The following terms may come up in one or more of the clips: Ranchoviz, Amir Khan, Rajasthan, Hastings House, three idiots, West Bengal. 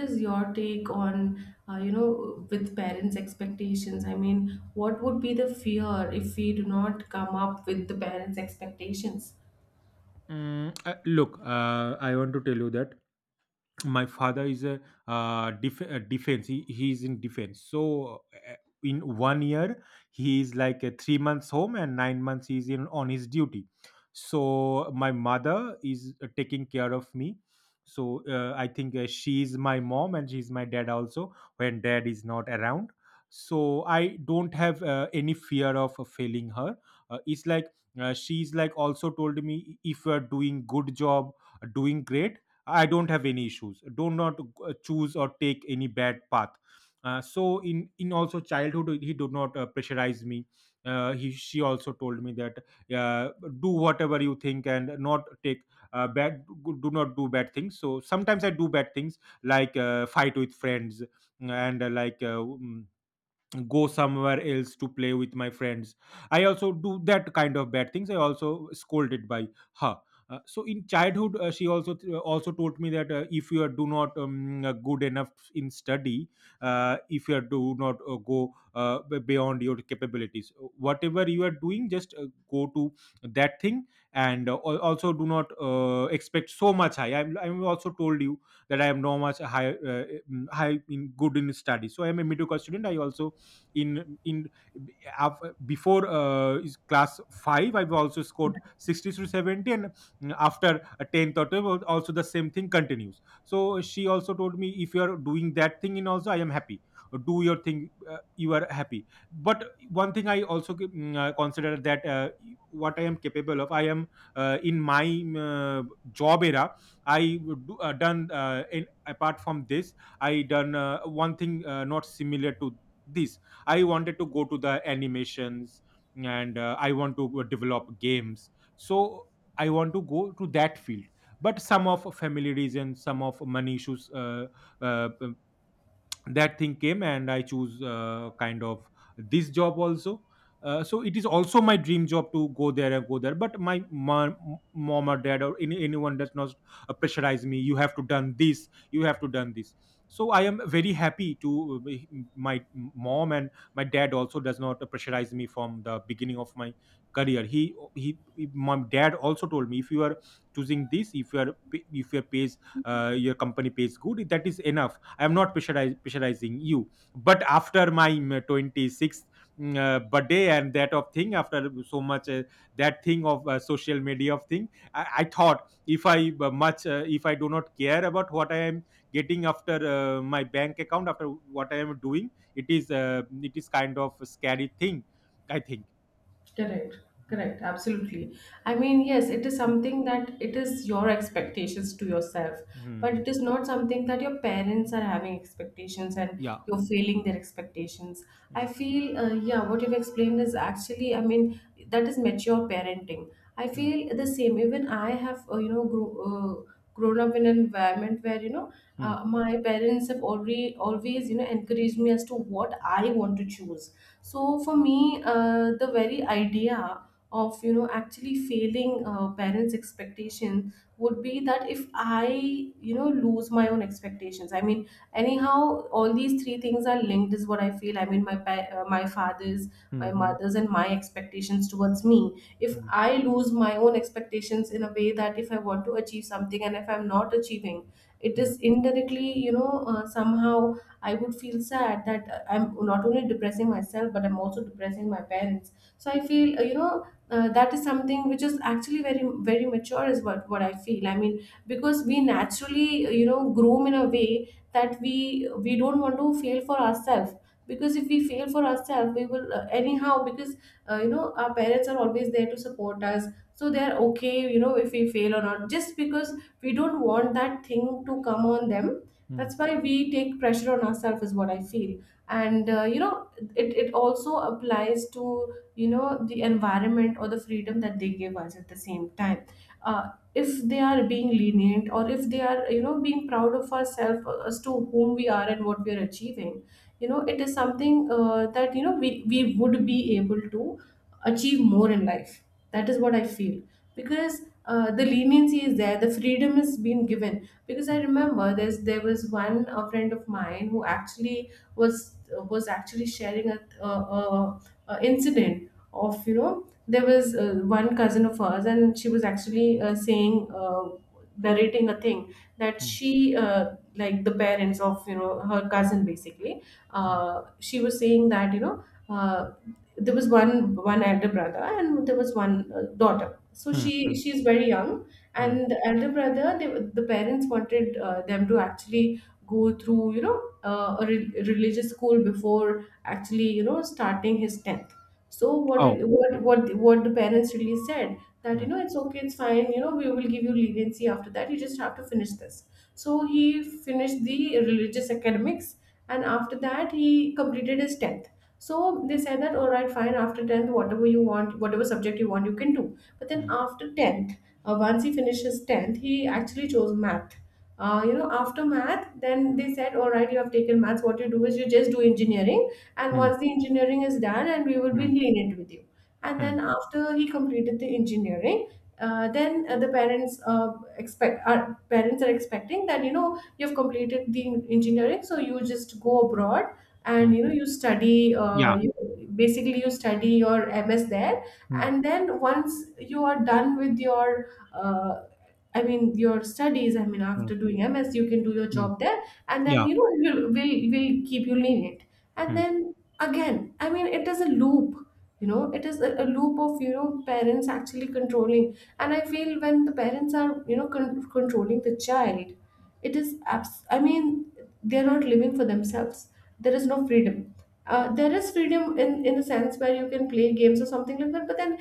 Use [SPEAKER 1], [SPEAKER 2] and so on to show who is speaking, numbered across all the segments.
[SPEAKER 1] Is your take on uh, you know with parents expectations, I mean, what would be the fear if we do not come up with the parents expectations?
[SPEAKER 2] Look, I want to tell you that my father is a defense. He is in defense, so in 1 year he is like a 3 months home and 9 months he is in on his duty. So my mother is taking care of me, so I think she is my mom and she is my dad also when dad is not around. So I don't have any fear of failing her. It's like she's like also told me, if you are doing good job, doing great, I don't have any issues. Do not choose or take any bad path. So in also childhood he did not pressurize me. He she also told me that uh, do whatever you think and not take bad do not do bad things. So sometimes I do bad things like fight with friends and like go somewhere else to play with my friends. I also do that kind of bad things, I also scolded by her. So in childhood she also told me that if you are do not good enough in study, if you are do not go beyond your capabilities, whatever you are doing, just go to that thing. And also do not expect so much high. I'm also told you that I am no much high, high in good in study, so I am a mediocre student. I also in before class 5 I've also scored 60 to 70, and after 10th or 12th also the same thing continues. So she also told me, if you are doing that thing in also I am happy, do your thing, you are happy. But one thing I also consider that what I am capable of. I am in my job era I would do, done in, apart from this, I done one thing not similar to this. I wanted to go to the animations, and I want to develop games. So I want to go to that field. But some of family reasons, some of money issues, uh, that thing came, and I choose kind of this job also. So it is also my dream job, to go there and go there. But my mom or dad or anyone does not pressurize me, you have to done this, you have to done this. So I am very happy to my mom and my dad also does not pressurize me from the beginning of my career. He My dad also told me, if you are choosing this, if you are, if your pays, your company pays good, that is enough. I'm not pressurizing you. But after my 26th birthday and that of thing, after so much that thing of social media of thing, I thought if I much if I do not care about what I am getting, after my bank account, after what I am doing, it is kind of a scary thing, I think.
[SPEAKER 1] Correct,
[SPEAKER 2] Mhm.
[SPEAKER 1] correct, absolutely. I mean, yes, it is
[SPEAKER 2] Mm.
[SPEAKER 1] something that it is your expectations to yourself, but
[SPEAKER 2] Mhm.
[SPEAKER 1] it is not something that your parents are having expectations and
[SPEAKER 2] Yeah.
[SPEAKER 1] you're failing their expectations. I feel, yeah, what you've explained is actually, I mean, that is mature parenting. I
[SPEAKER 2] Mm.
[SPEAKER 1] feel the same. Even I have, grown up in an environment where,
[SPEAKER 2] Mm,
[SPEAKER 1] my parents have already always, encouraged me as to what I want to choose. So for me, the very idea of actually failing, parents' expectations would be that if I, lose my own expectations. I mean, anyhow, all these three things are linked, is what I feel. I mean, my my father's,
[SPEAKER 2] mm,
[SPEAKER 1] my
[SPEAKER 2] mm,
[SPEAKER 1] mother's, and my expectations towards me. If
[SPEAKER 2] mm,
[SPEAKER 1] I lose my own expectations in a way that if I want to achieve something and if I'm not achieving, it
[SPEAKER 2] mm,
[SPEAKER 1] is indirectly, somehow I would feel sad that, I'm not only depressing myself, but I'm also depressing my parents. So I feel, that is something which is actually very, very mature, is what I feel. I mean, because we naturally, groom in a way that we don't want to fail for ourselves. Because if we fail for ourselves, we will, anyhow. Because, our parents are always there to support us, so they're okay. If we fail or not, just because we don't want that thing to come on them, that's why we take pressure on ourselves, is what I feel. And, it also applies to, the environment or the freedom that they give us at the same time. uh, if they are being lenient, or if they are, being proud of ourselves, as to whom we are and what we are achieving, it is something, that, we would be able to achieve more in life. That is what I feel. Because, the leniency is there, the freedom is being given. Because I remember there's there was one a friend of mine who actually was was actually sharing a incident of, there was, one cousin of hers, and she was actually, saying narrating a thing that
[SPEAKER 2] mm,
[SPEAKER 1] she, like the parents of, her cousin, basically.
[SPEAKER 2] mm,
[SPEAKER 1] She was saying that, uh, there was one elder brother and there was one, daughter. So
[SPEAKER 2] mm, mm,
[SPEAKER 1] she's very young.
[SPEAKER 2] mm.
[SPEAKER 1] And the elder brother, the parents wanted, them to actually go through, a religious school before actually, starting his 10th. So what
[SPEAKER 2] Oh.
[SPEAKER 1] re- what the parents really said, that,
[SPEAKER 2] Mm,
[SPEAKER 1] it's okay, it's fine, we will give you leniency after that. You just have to finish this. So he finished the religious academics, and after that he completed his 10th. So they said that all right, fine, after 10th whatever you want, whatever subject you want, you can do. But then
[SPEAKER 2] mm,
[SPEAKER 1] after 10th, once he finishes 10th, he actually chose math. After math, then they said, all right, you have taken maths. What you do is you just do engineering. And once
[SPEAKER 2] mm.
[SPEAKER 1] the engineering is done, and we will be
[SPEAKER 2] Mm,
[SPEAKER 1] lenient with you. And then
[SPEAKER 2] mm,
[SPEAKER 1] after he completed the engineering, then the parents expect our parents are expecting that, you've completed the engineering, so you just go abroad, and,
[SPEAKER 2] mm.
[SPEAKER 1] you study
[SPEAKER 2] Yeah.
[SPEAKER 1] you basically you study your MS there.
[SPEAKER 2] Mm,
[SPEAKER 1] And then once you are done with your, uh, I mean, your studies. I mean,
[SPEAKER 2] mm,
[SPEAKER 1] after doing MS, you can do your
[SPEAKER 2] mm.
[SPEAKER 1] job there, and then,
[SPEAKER 2] Yeah.
[SPEAKER 1] will keep you lenient.
[SPEAKER 2] Mm,
[SPEAKER 1] And
[SPEAKER 2] mm.
[SPEAKER 1] then again, I mean, it is a loop. It is a loop of, parents actually controlling. And I feel when the parents are, controlling the child, it is I mean, they're not living for themselves. There is no freedom. There is freedom in the sense where you can play games or something like that, but then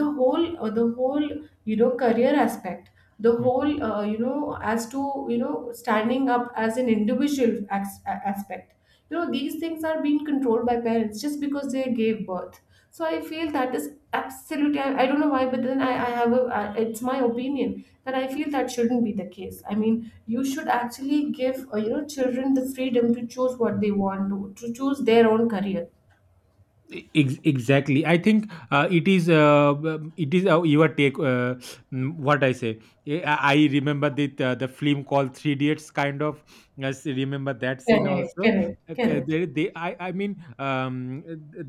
[SPEAKER 1] the whole, career aspect, the whole, as to, standing up as an individual aspect, these things are being controlled by parents just because they gave birth. So I feel that is absolutely, I don't know why, but then I have it's my opinion that I feel that shouldn't be the case. I mean, you should actually give, children the freedom to choose what they to choose their own career.
[SPEAKER 2] Exactly, I think it is your take, what I say. I remember the film called Three Idiots kind of. Yes, I remember that scene
[SPEAKER 1] Correct,
[SPEAKER 2] also.
[SPEAKER 1] correct,
[SPEAKER 2] Okay,
[SPEAKER 1] correct,
[SPEAKER 2] they I mean,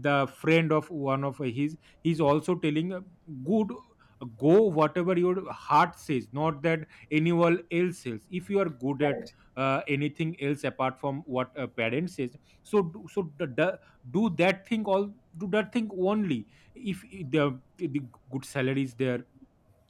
[SPEAKER 2] the friend of one of his, he's also telling, good, go whatever your heart says, not that anyone else says. If you are good at
[SPEAKER 1] correct.
[SPEAKER 2] anything else apart from what a parent says, so d- do that thing all, do that thing only. If the good salary is there,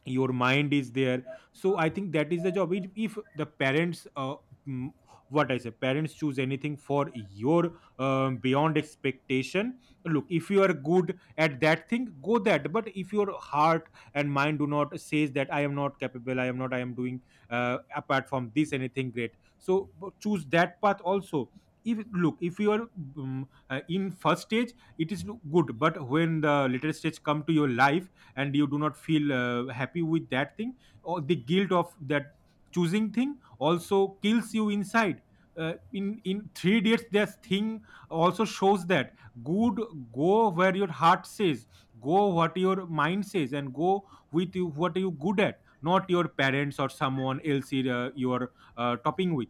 [SPEAKER 2] your mind is there, so I think that is the job. If the parents mm, what I say, parents choose anything for your, beyond expectation, look, if you are good at that thing, go that. But if your heart and mind do not says that, I am not capable, I am not, I am doing apart from this anything great, so choose that path also. If, look, if you are mm, in first stage it is good. But when the later stage come to your life and you do not feel happy with that thing, or the guilt of that choosing thing also kills you inside. In three dates this thing also shows that, good, go where your heart says, go what your mind says, and go with you what are you good at, not your parents or someone else. You are topping with.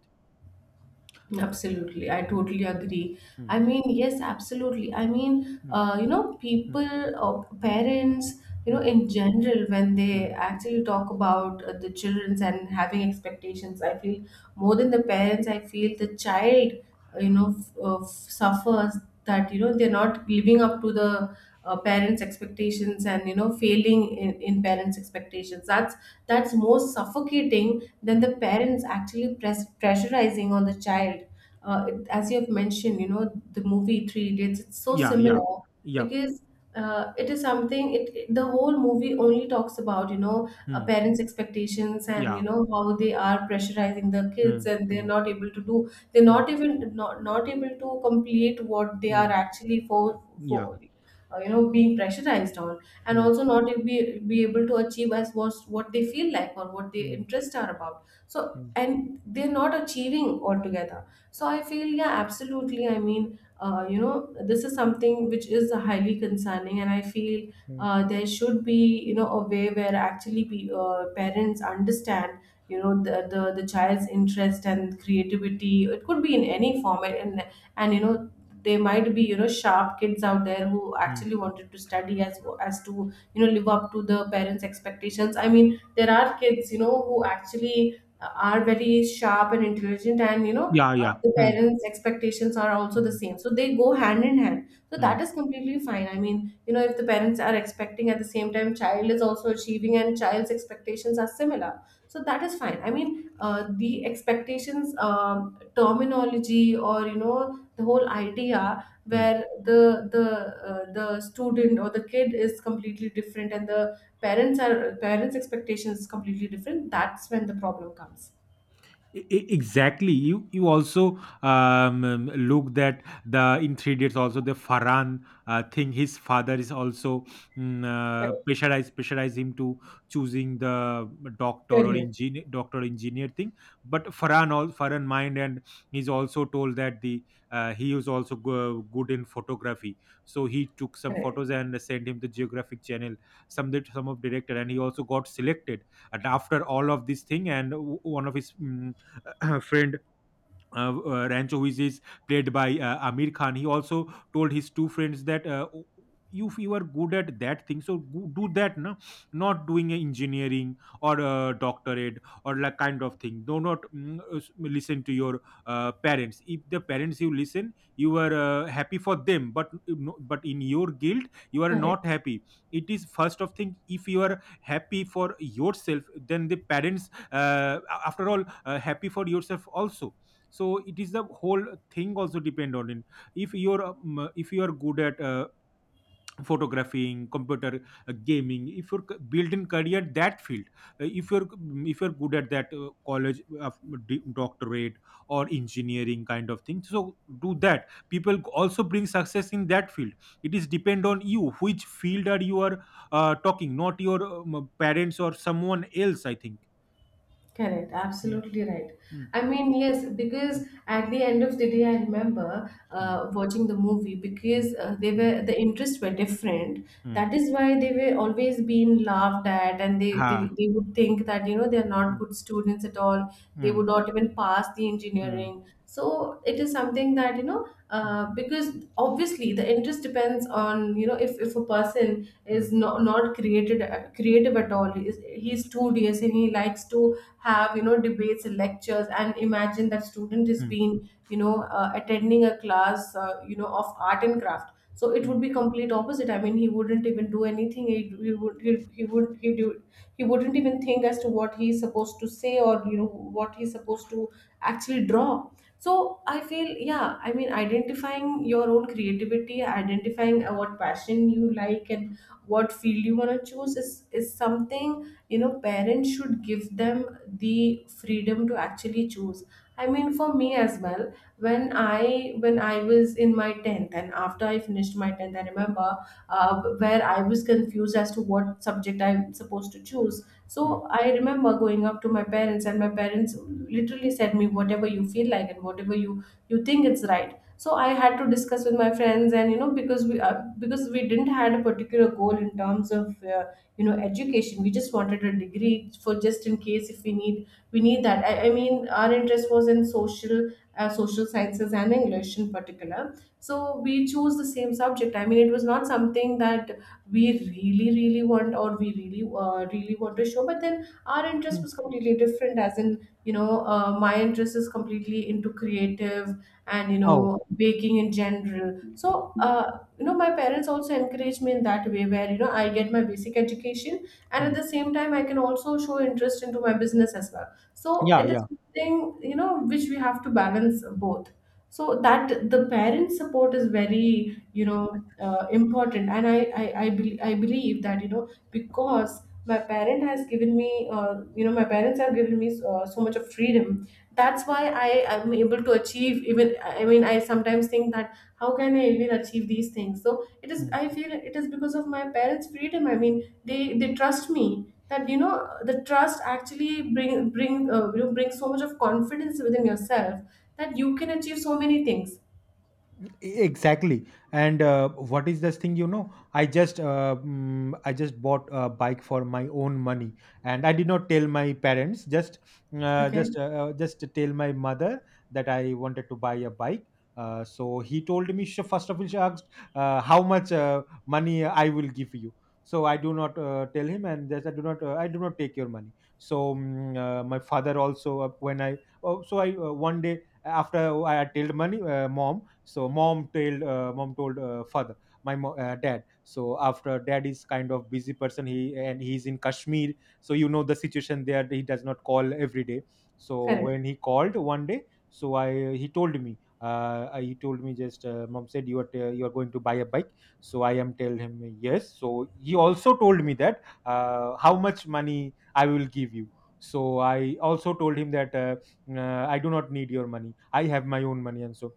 [SPEAKER 1] Absolutely, I
[SPEAKER 2] Mm,
[SPEAKER 1] totally agree. I
[SPEAKER 2] mm,
[SPEAKER 1] mean, yes, absolutely. I mean,
[SPEAKER 2] mm, mm,
[SPEAKER 1] people, parents,
[SPEAKER 2] mm,
[SPEAKER 1] in general, when they
[SPEAKER 2] mm,
[SPEAKER 1] actually talk about, the children's and having expectations, I feel more than the parents, I feel the child, suffers, that, they're not living up to the, parents' expectations and, failing in parents' expectations. That's most suffocating, then the
[SPEAKER 2] mm.
[SPEAKER 1] parents actually pressurizing on the child. It, as you have mentioned, the movie Three Idiots. It's so
[SPEAKER 2] Yeah, yeah.
[SPEAKER 1] similar,
[SPEAKER 2] Yep.
[SPEAKER 1] because, it is something. It- the whole movie only talks about,
[SPEAKER 2] Mm,
[SPEAKER 1] parents' expectations and,
[SPEAKER 2] yeah.
[SPEAKER 1] how they are pressurizing the kids,
[SPEAKER 2] Mm,
[SPEAKER 1] and they're
[SPEAKER 2] mm,
[SPEAKER 1] not able to do. They're
[SPEAKER 2] mm,
[SPEAKER 1] not even not able to complete what they are
[SPEAKER 2] mm,
[SPEAKER 1] actually
[SPEAKER 2] yeah.
[SPEAKER 1] for, being pressurized on, and also not be be able to achieve as what they feel like, or what their
[SPEAKER 2] 嗯
[SPEAKER 1] interests are about. So,
[SPEAKER 2] 嗯
[SPEAKER 1] and they're not achieving altogether. So I feel, yeah, absolutely. I mean, uh, you know this is something which is highly concerning, and I feel,
[SPEAKER 2] 嗯
[SPEAKER 1] there should be, a way where actually parents understand, the child's interest and creativity. It could be in any form, in. And, they might be, sharp kids out there who
[SPEAKER 2] 嗯，
[SPEAKER 1] actually wanted to study, as to, live up to the parents expectations. I mean, there are kids, who actually, are very sharp and intelligent. And,
[SPEAKER 2] 呀 呀，
[SPEAKER 1] the
[SPEAKER 2] 嗯
[SPEAKER 1] parents expectations are also the
[SPEAKER 2] 嗯
[SPEAKER 1] same, so they go hand in hand. So that
[SPEAKER 2] 嗯
[SPEAKER 1] is completely fine. I mean, if the parents are expecting, at the same time child is also achieving, and child's expectations are similar, so that is fine. I mean, the expectations, terminology, or, the whole idea,
[SPEAKER 2] 嗯。
[SPEAKER 1] where the student or the kid is completely different and the parents are, parents expectations is completely different. That's when the problem comes.
[SPEAKER 2] Exactly, you also, look, that the in 3 days also the Faran thing, his father is also mm, uh,
[SPEAKER 1] Correct.
[SPEAKER 2] pressurize pressurize him to choosing the doctor or
[SPEAKER 1] Career.
[SPEAKER 2] engineer, doctor engineer thing. But Faran, all Faran mind, and he's also told that the, he is also good in photography, so he took some
[SPEAKER 1] Correct,
[SPEAKER 2] photos and sent him the Geographic Channel, some, that, some of director, and he also got selected. And after all of this thing, and one of his friend, Ranchoviz, is played by Amir Khan. He also told his two friends that, "Oh, if you are good at that thing, so do that. No, not doing a engineering or a doctorate or like kind of thing. Do not listen to your parents. If the parents you listen, you are happy for them, but in your guilt, you are
[SPEAKER 1] correct.
[SPEAKER 2] not happy. It is first of thing. If you are happy for yourself, then the parents, after all, happy for yourself also. So it is the whole thing also depend on it. If you're if you are good at photographing, computer, gaming, if you're built in career that field. If you're if you're good at that college, doctorate or engineering kind of thing, so do that, people also bring success in that field. It is depend on you which field are you are talking, not your parents or someone else, I think.
[SPEAKER 1] Correct,
[SPEAKER 2] Mm,
[SPEAKER 1] absolutely right.
[SPEAKER 2] mm,
[SPEAKER 1] I mean, yes,
[SPEAKER 2] mm,
[SPEAKER 1] because at the end of the day, I remember,
[SPEAKER 2] mm,
[SPEAKER 1] watching the movie,
[SPEAKER 2] mm,
[SPEAKER 1] because,
[SPEAKER 2] mm,
[SPEAKER 1] the interests were different.
[SPEAKER 2] mm.
[SPEAKER 1] That is why they were always being laughed at, and they, they
[SPEAKER 2] Ha.
[SPEAKER 1] they would think that, they are not
[SPEAKER 2] Mm,
[SPEAKER 1] good students at all. They would
[SPEAKER 2] mm.
[SPEAKER 1] not even pass the
[SPEAKER 2] 嗯
[SPEAKER 1] engineering. So it is something that,
[SPEAKER 2] 嗯
[SPEAKER 1] because obviously the interest depends on, if a person is
[SPEAKER 2] 嗯
[SPEAKER 1] not created creative at all, he's studious and he likes to have, debates and lectures, and imagine that student is
[SPEAKER 2] 嗯
[SPEAKER 1] being, attending a class, of art and craft, so it would
[SPEAKER 2] 嗯
[SPEAKER 1] be complete opposite. I mean, he wouldn't even do anything. He wouldn't even think as to what he's supposed to say, or, what he's supposed to actually draw. So I feel, yeah, I mean, identifying your own creativity, identifying, what passion you like and what field you want to choose, is something, parents should give them the freedom to actually choose. I mean, for me as well, when I was in my 10th, and after I finished my 10th, I remember, where I was confused as to what subject I'm supposed to choose.
[SPEAKER 2] 嗯
[SPEAKER 1] So I remember going up to my parents, and my parents literally said me, "Whatever you feel like, and whatever you think it's right." So I had to discuss with my friends, and, because we didn't had a particular goal in terms of, education. We just wanted a degree for just in case if we need that. I mean, our interest was in social social sciences and English in particular, so we chose the same subject. I mean, it was not something that we really really want, or we really really want to show, but then our interest was completely different. As in, you know, my interest is completely into creative and you
[SPEAKER 2] 哦
[SPEAKER 1] know baking in general. So you know, my parents also encouraged me in that way where you know I get my basic education, and at
[SPEAKER 2] 嗯
[SPEAKER 1] the same time I can also show interest into my business as well. So
[SPEAKER 2] 呀
[SPEAKER 1] it is
[SPEAKER 2] 呀
[SPEAKER 1] something, you know, which we have to balance both, so that the parent support is very you know important. And I believe that, you know, because my parent has given me you know my parents have given me so much of freedom, that's why I am able to achieve. Even, I mean, I sometimes think that how can I even achieve these things. So it is,
[SPEAKER 2] 嗯。
[SPEAKER 1] I feel it is because of my parents freedom. I mean, they trust me that the trust actually bring bring you know, bring so much of confidence within yourself, that you can achieve so many things.
[SPEAKER 2] exactly And what is this thing, I just bought a bike for my own money. And I did not tell my parents, just
[SPEAKER 1] Okay,
[SPEAKER 2] just to tell my mother that I wanted to buy a bike. So he told me, first of all, she asked how much money I will give you. So I do not tell him, and just I do not take your money. So my father also, when I, oh, so I one day after I told money, mom. So mom told father, my dad. So after, dad is kind of busy person, he and he's in Kashmir, so you know the situation there, he does not call every day. So
[SPEAKER 1] correct,
[SPEAKER 2] when he called one day, so I he told me just, mom said you are you are going to buy a bike. So I am tell him yes. So he also told me that how much money I will give you. So I also told him that I do not need your money, I have my own money, and so.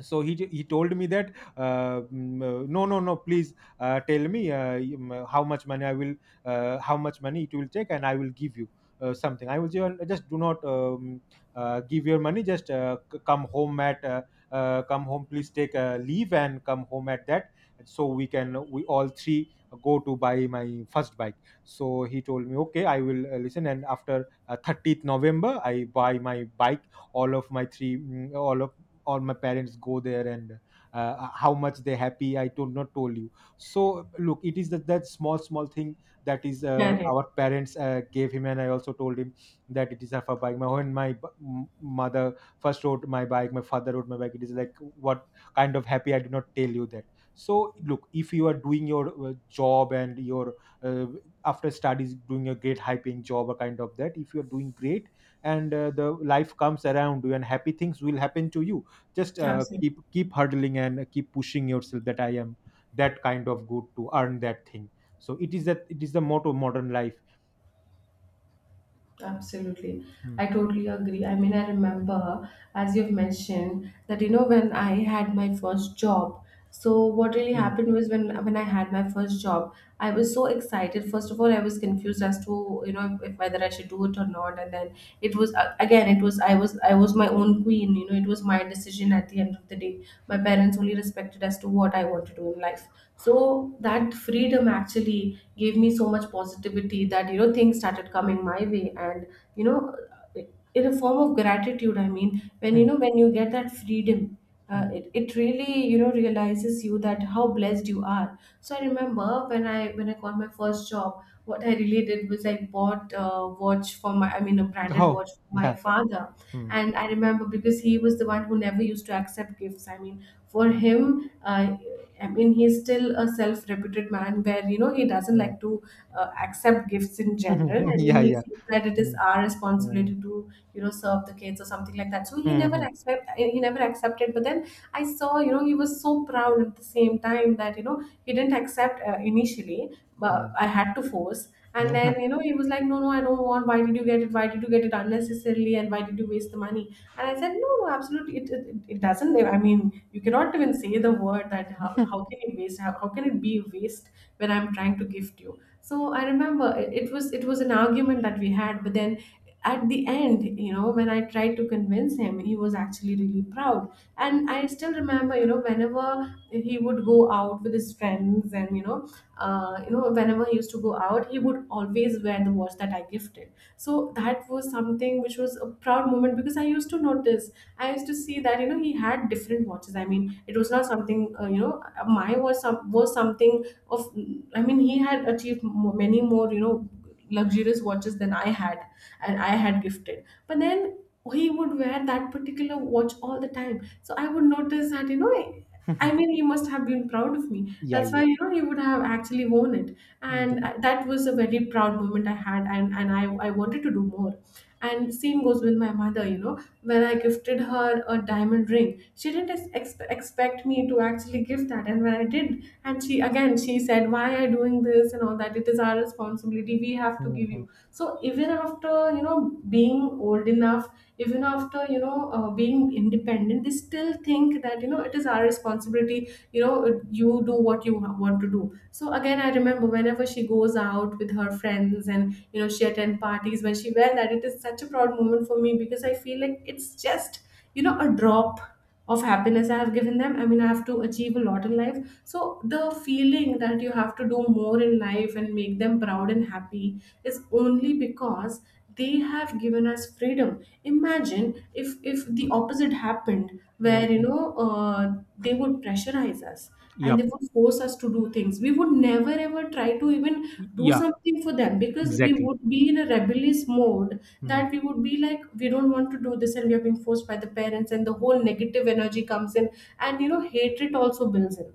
[SPEAKER 2] So he told me that, no, no, no, please, tell me how much money I will, how much money it will take, and I will give you something. I will just, do not give your money, just come home at, come home, please, take leave and come home at that, so we can we all three go to buy my first bike. So he told me okay, I will listen, and after 30th November I buy my bike. All of my three, mm, all of or my parents go there. And how much they're happy I told not told you. So look, it is that small small thing that is
[SPEAKER 1] correct,
[SPEAKER 2] our parents gave him. And I also told him That it is of a for bike. My when my mother first rode my bike, my father rode my bike, it is like what kind of happy I did not tell you that. So look, if you are doing your job and your uh, after studies, doing a great high paying job or kind of that, if you are doing great, and the life comes around you and happy things will happen to you. Just
[SPEAKER 1] absolutely.
[SPEAKER 2] keep hurdling and keep pushing yourself, that I am that kind of good to earn that thing. So it is that, it is the motto modern life.
[SPEAKER 1] Absolutely.
[SPEAKER 2] Hmm.
[SPEAKER 1] I totally agree. I mean, I remember, as you've mentioned, that you know when I had my first job. So what really
[SPEAKER 2] Hmm.
[SPEAKER 1] happened was when I had my first job, I was so excited. First of all, I was confused as to you know if, whether I should do it or not. And then it was again, it was I was my own queen. You know, it was my decision at the end of the day. My parents only respected as to what I want to do in life. So that freedom actually gave me so much positivity, that you know things started coming my way and you know, in a form of gratitude. I mean, when you
[SPEAKER 2] Hmm.
[SPEAKER 1] know when you get that freedom, uh,
[SPEAKER 2] Hmm.
[SPEAKER 1] it, it really you know realizes you that how blessed you are. So I remember when I when I got my first job, what I really did was I bought a watch for my, I mean a branded
[SPEAKER 2] Oh.
[SPEAKER 1] watch for my
[SPEAKER 2] Yeah.
[SPEAKER 1] father.
[SPEAKER 2] Hmm.
[SPEAKER 1] And I remember, because he was the one who never used to accept gifts. I mean, for
[SPEAKER 2] Hmm.
[SPEAKER 1] him I mean, he's still a self-reputed man where, you know, he doesn't
[SPEAKER 2] Hmm.
[SPEAKER 1] like to accept gifts in general. I mean,
[SPEAKER 2] Yeah,
[SPEAKER 1] he
[SPEAKER 2] yeah.
[SPEAKER 1] feels that it is
[SPEAKER 2] Hmm.
[SPEAKER 1] our
[SPEAKER 2] Hmm.
[SPEAKER 1] responsibility to, you know, serve the kids or something like that. So he never
[SPEAKER 2] Hmm.
[SPEAKER 1] accept, he never accepted. But then I saw, you know, he was so proud at the same time, that you know he didn't accept initially, but
[SPEAKER 2] Hmm.
[SPEAKER 1] I had to force. And
[SPEAKER 2] Hmm.
[SPEAKER 1] then, you know, he was like, no, no, I don't want. Why did you get it? Why did you get it unnecessarily? And why did you waste the money? And I said, no, no, absolutely. It doesn't. I mean, you cannot even say the word that how can it waste how can it be waste when I'm trying to gift you. So I remember it was it was an argument that we had, but then at the end, you know, when I tried to convince him, he was actually really proud. And I still remember, you know, whenever he would go out with his friends and you know you know, whenever he used to go out, he would always wear the watch that I gifted. So that was something which was a proud moment, because I used to notice, I used to see that you know he had different watches. I mean, it was not something you know my was some was something of. I mean, he had achieved many more you know luxurious watches than I had, and I had gifted. But then he would wear that particular watch all the time, so I would notice that you know. I mean, he must have been proud of me.
[SPEAKER 2] Yeah,
[SPEAKER 1] That's
[SPEAKER 2] yeah.
[SPEAKER 1] why you know he would have actually worn it,
[SPEAKER 2] Hmm.
[SPEAKER 1] and I- that was a very proud moment I had, and and I wanted to do more. And same goes with my mother, you know, when I gifted her a diamond ring, she didn't expect me to actually give that. And when I did, and she, again she said, why are you doing this and all that, it is our responsibility, we have to give you. So even after you know being old enough, even after you know being independent, they still think that you know it is our responsibility, you know, you do what you want to do. So again, I remember whenever she goes out with her friends and you know she attend parties, when she wear that, it is such a proud moment for me, because I feel like it's just you know a drop of happiness I have given them. I mean, I have to achieve a lot in life. So the feeling that you have to do more in life and make them proud and happy is only because they have given us freedom. Imagine if the opposite happened,
[SPEAKER 2] Hmm.
[SPEAKER 1] where you know they would pressurize us and they
[SPEAKER 2] Yep.
[SPEAKER 1] would force us to do things. We would never ever try to even
[SPEAKER 2] Yeah.
[SPEAKER 1] do
[SPEAKER 2] Yeah.
[SPEAKER 1] something for them, because we
[SPEAKER 2] Exactly.
[SPEAKER 1] would be in a rebellious mode,
[SPEAKER 2] Hmm.
[SPEAKER 1] that we would be like, we don't want to do this and we are being forced by the parents, and the whole negative energy comes in, and you know, hatred also builds in.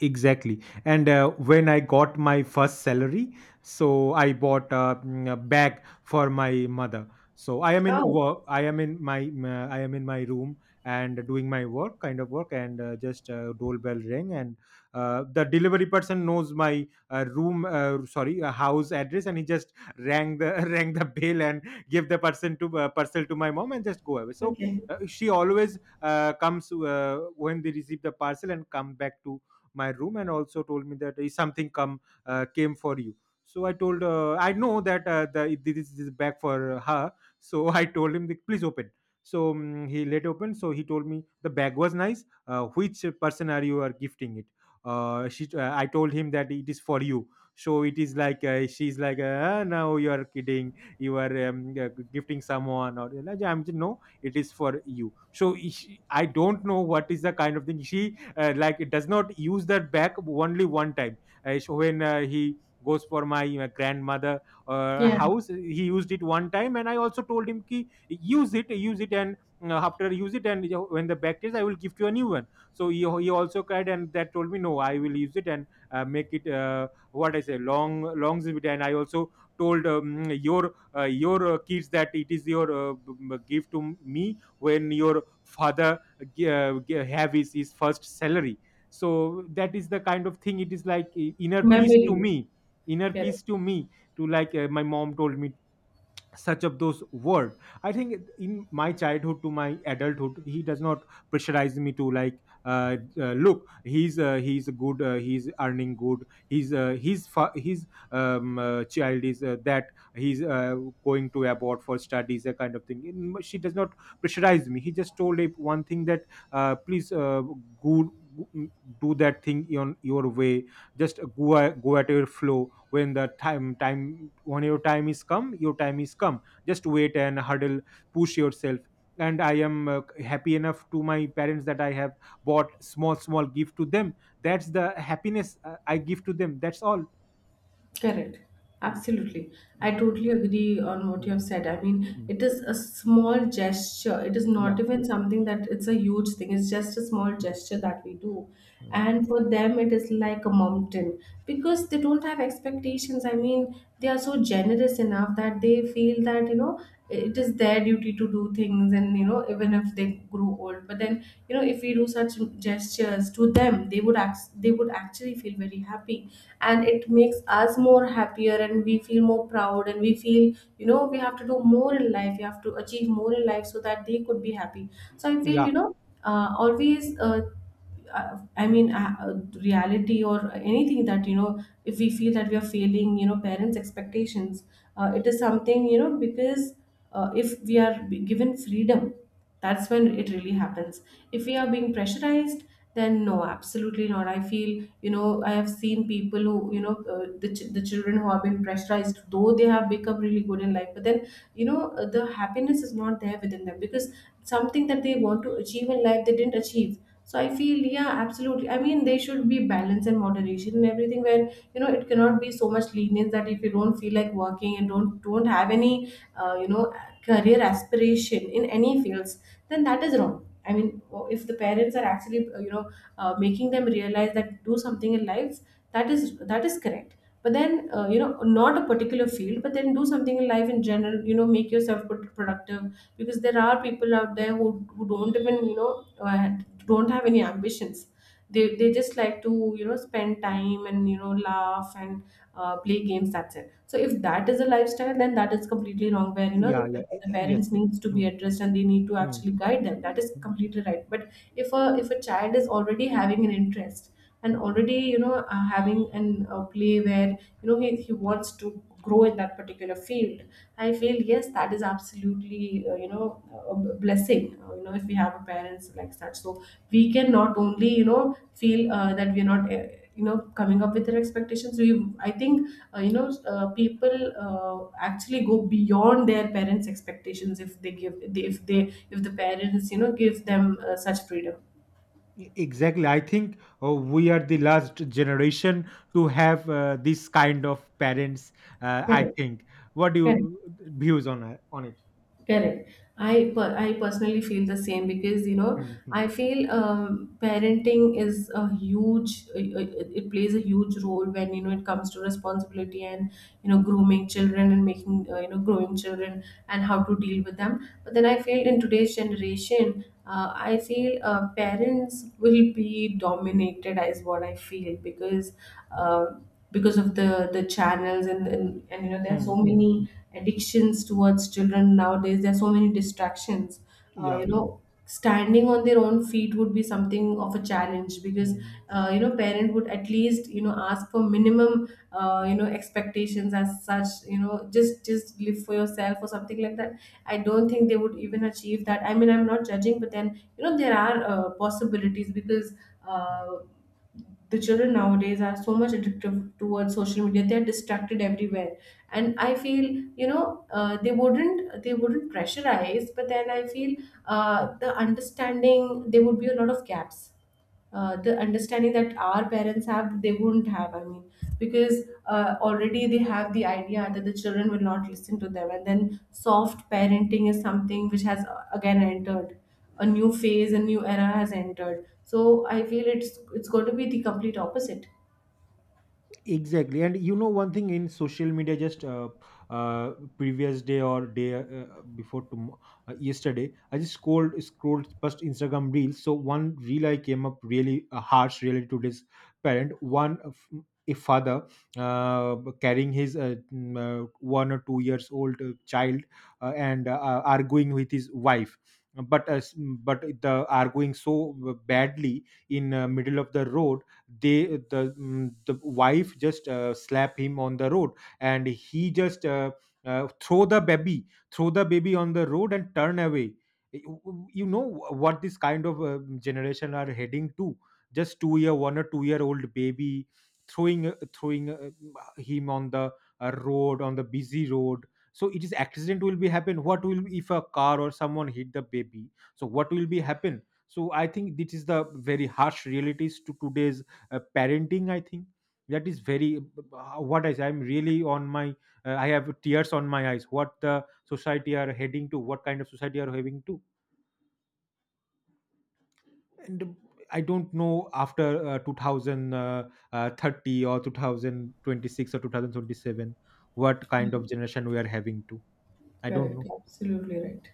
[SPEAKER 2] Exactly. And when I got my first salary, so I bought a, a bag for my mother. So I am in
[SPEAKER 1] Oh,
[SPEAKER 2] work. I am in I am in my room and doing my work, kind of work, and just doorbell ring, and the delivery person knows my room, sorry, house address, and he just rang the rang the bell and give the person to parcel to my mom and just go away. So
[SPEAKER 1] okay.
[SPEAKER 2] she always comes when they receive the parcel and come back to my room and also told me that is something come came for you. So I told, I know that the this is back for her. So I told him that, please open. So he let open, so he told me the bag was nice, which person are you are gifting it. She, I told him that it is for you. So it is like, she's like, now you are kidding, you are gifting someone, or I'm just, no, it is for you. So she, I don't know what is the kind of thing she, like, it does not use that back only one time. So when he goes for my grandmother
[SPEAKER 1] Yeah,
[SPEAKER 2] house, he used it one time, and I also told him ki, use it, use it, and after use it, and you know, when the back is, I will give you a new one. So he also cried and that told me, no, I will use it, and make it what I say, long longevity. And I also told your kids that it is your gift to me when your father have his first salary. So that is the kind of thing, it is like inner peace to
[SPEAKER 1] memory.
[SPEAKER 2] me. Inner
[SPEAKER 1] Correct.
[SPEAKER 2] peace to me. To like my mom told me such of those word. I think in my childhood to my adulthood, he does not pressurize me to like, look, he's good, he's earning good, he's his child is that he's going to abroad for studies, a kind of thing. She does not pressurize me. He just told it one thing, that please go, do that thing on your way. Just go, go at your flow. When the time when your time is come, your time is come, just wait and huddle, push yourself. And I am happy enough to my parents that I have bought small small gift to them. That's the happiness I give to them, that's all.
[SPEAKER 1] Correct.
[SPEAKER 2] Mm.
[SPEAKER 1] Absolutely. I totally agree on what you
[SPEAKER 2] Mm.
[SPEAKER 1] have said. I mean,
[SPEAKER 2] Mm.
[SPEAKER 1] it is a small gesture. It is
[SPEAKER 2] Yeah.
[SPEAKER 1] not even something that it's a huge thing. It's just a small gesture that we do.
[SPEAKER 2] Mm.
[SPEAKER 1] And for them, it is like a mountain, because they don't have expectations. I mean, they are so generous enough that they feel that, you know, it is their duty to do things. And, you know, even if they grow old, but then, you know, if we do such gestures to them, they would act, they would actually feel very happy, and it makes us more happier, and we feel more proud, and we feel you know we have to do more in life, we have to achieve more in life, so that they could be happy. So I feel
[SPEAKER 2] Yeah,
[SPEAKER 1] you know always I mean, reality or anything that, you know, if we feel that we are failing, you know, parents' expectations, it is something, you know, because if we are given freedom, that's when it really happens. If we are being pressurized, then no, absolutely not. I feel, you know, I have seen people who you know the children who have been pressurized, though they have become really good in life, but then you know the happiness is not there within them, because something that they want to achieve in life they didn't achieve. So I feel, yeah, absolutely, I mean there should be balance and moderation and everything, where you know it cannot be so much lenience that if you don't feel like working and don't have any you know career aspiration in any fields, then that is wrong. I mean, if the parents are actually you know making them realize that do something in life, that is correct. But then you know, not a particular field, but then do something in life in general, you know, make yourself productive. Because there are people out there who don't even you know don't have any ambitions, they just like to you know spend time and you know laugh and play games, that's it. So if that is a lifestyle, then that is completely wrong. Where you know
[SPEAKER 2] yeah, yeah.
[SPEAKER 1] the
[SPEAKER 2] Yes.
[SPEAKER 1] parents needs to be
[SPEAKER 2] Mm,
[SPEAKER 1] addressed, and they need to
[SPEAKER 2] mm,
[SPEAKER 1] actually guide them. That is
[SPEAKER 2] mm.
[SPEAKER 1] completely right. But if a child is already having an interest, and already you know having an play where you know he wants to grow in that particular field, I feel yes, that is absolutely you know a blessing, you know, if we have a parents like such. So we can not only you know feel that we're not you know coming up with their expectations. We, I think you know people actually go beyond their parents expectations if they give, if the parents you know give them such freedom.
[SPEAKER 2] Exactly, I think we are the last generation to have this kind of parents, I
[SPEAKER 1] Correct,
[SPEAKER 2] think. What do
[SPEAKER 1] correct,
[SPEAKER 2] you views on on it?
[SPEAKER 1] correct. I personally feel the same because you know I
[SPEAKER 2] Mhm.
[SPEAKER 1] feel parenting is a huge it plays a huge role when you know it comes to responsibility and you know grooming children and making you know growing children and how to deal with them. But then I feel in today's generation, I feel parents will be dominated is what I feel uh, because of the channels and you know there are so
[SPEAKER 2] Mm, mm.
[SPEAKER 1] many addictions towards children nowadays. There are so many distractions. Uh,
[SPEAKER 2] Yeah,
[SPEAKER 1] you
[SPEAKER 2] yeah.
[SPEAKER 1] know, Standing on their own feet would be something of a challenge because
[SPEAKER 2] Hmm.
[SPEAKER 1] you know parent would at least you know ask for minimum you know expectations as such. You know, just live for yourself or something like that. I don't think they would even achieve that. I mean, I'm not judging, but then you know there are possibilities because uh, the children nowadays are so much addictive towards social media. They are distracted everywhere, and I feel you know they wouldn't pressurize, but then I feel the understanding there would be a lot of gaps. The understanding that our parents have, they wouldn't have, I mean, because already they have the idea that the children will not listen to them, and then soft parenting is something which has again entered a new phase, a new era has entered. So I feel it's going to be the complete opposite.
[SPEAKER 2] Exactly. And you know, one thing in social media, just uh previous day or day, before tom- yesterday, I just scrolled past Instagram reels. So one reel I came up really harsh related to this parent. One of a father carrying his 1 or 2 years old child, and arguing with his wife. But uh, s- but the arguing, so badly in middle of the road, they the the wife just slap him on the road. And he just throw the baby, throw the baby on the road and turn away. You know what, this kind of generation are heading to. Just 2 year, 1 or 2 year old baby, throwing him on the road, on the busy road. So it is accident will be happen, what will, if a car or someone hit the baby, so what will be happen. So I think this is the very harsh realities to today's parenting, I think. That is very, what I say, I'm really on my I have tears on my eyes, what the society are heading to, what kind of society are having to. And I don't know, after 2030 or 2026 or 2027, what kind of
[SPEAKER 1] Correct.
[SPEAKER 2] generation we are having to. I don't
[SPEAKER 1] Correct.
[SPEAKER 2] know.
[SPEAKER 1] Absolutely right.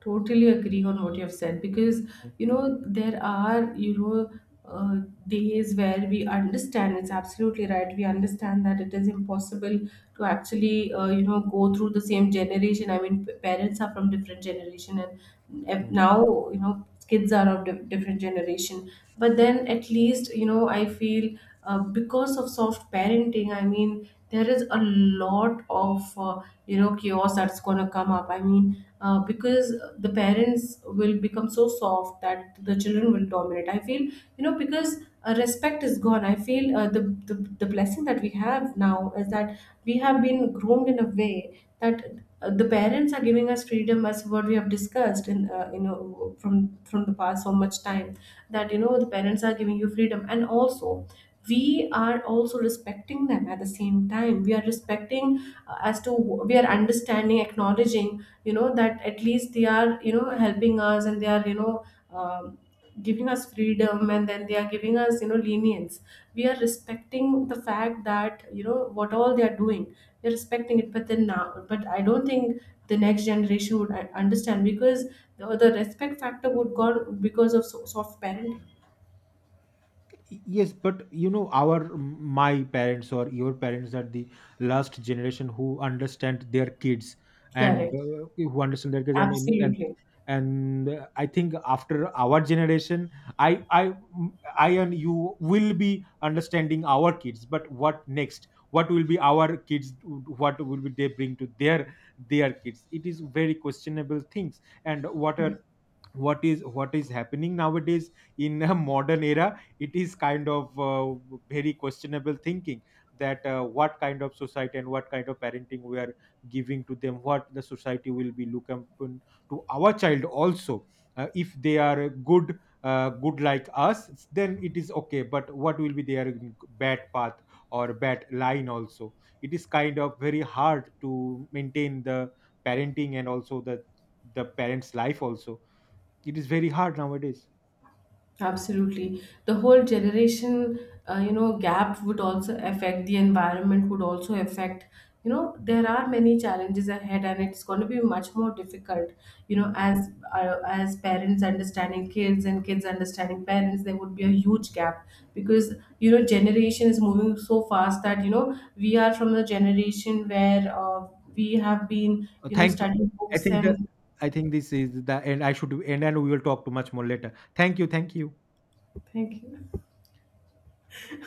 [SPEAKER 1] Totally agree on what you have said because you know there are you know uh, days where we understand it's absolutely right, we understand that it is impossible to actually you know go through the same generation. I mean, parents are from different generation, and
[SPEAKER 2] Hmm.
[SPEAKER 1] now you know kids are of different generation. But then at least you know I feel because of soft parenting, I mean, there is a lot of you know chaos that's going to come up. I mean because the parents will become so soft that the children will dominate, I feel you know because respect is gone. I feel the the blessing that we have now is that we have been groomed in a way that the parents are giving us freedom, as what we have discussed in you know from the past so much time, that you know the parents are giving you freedom, and also we are also respecting them. At the same time we are respecting as to we are understanding, acknowledging, you know, that at least they are you know helping us and they are you know um, giving us freedom, and then they are giving us you know lenience. We are respecting the fact that you know what all they are doing, we are respecting it. But then now, but I don't think the next generation would understand because the respect factor would gone because of soft parenting.
[SPEAKER 2] Yes, but you know, our, my parents or your parents are the last generation who understand their kids and
[SPEAKER 1] Correct.
[SPEAKER 2] who understand their kids,
[SPEAKER 1] Absolutely.
[SPEAKER 2] and I think after our generation, i i I and you will be understanding our kids, but what next, what will be our kids, what will be they bring to their kids. It is very questionable things. And what are, what is, what is happening nowadays in a modern era, it is kind of very questionable thinking, that what kind of society and what kind of parenting we are giving to them, what the society will be looking upon to our child also. If they are good, good like us, then it is okay, but what will be their bad path or bad line also. It is kind of very hard to maintain the parenting and also the parents life also. It is very hard nowadays.
[SPEAKER 1] Absolutely. The whole generation, you know, gap would also affect the environment, would also affect, you know, there are many challenges ahead and it's going to be much more difficult, you know,
[SPEAKER 2] Mm,
[SPEAKER 1] as parents understanding kids and kids understanding parents, there would be a
[SPEAKER 2] mm.
[SPEAKER 1] huge gap because, you know, generation is moving so fast that, you know, we are from the generation where we have been, you know,
[SPEAKER 2] Thank you.
[SPEAKER 1] studying
[SPEAKER 2] I
[SPEAKER 1] books
[SPEAKER 2] think the,
[SPEAKER 1] and
[SPEAKER 2] I think this is the end. I should end, and we will talk to much more later. Thank you. Thank you.
[SPEAKER 1] thank you.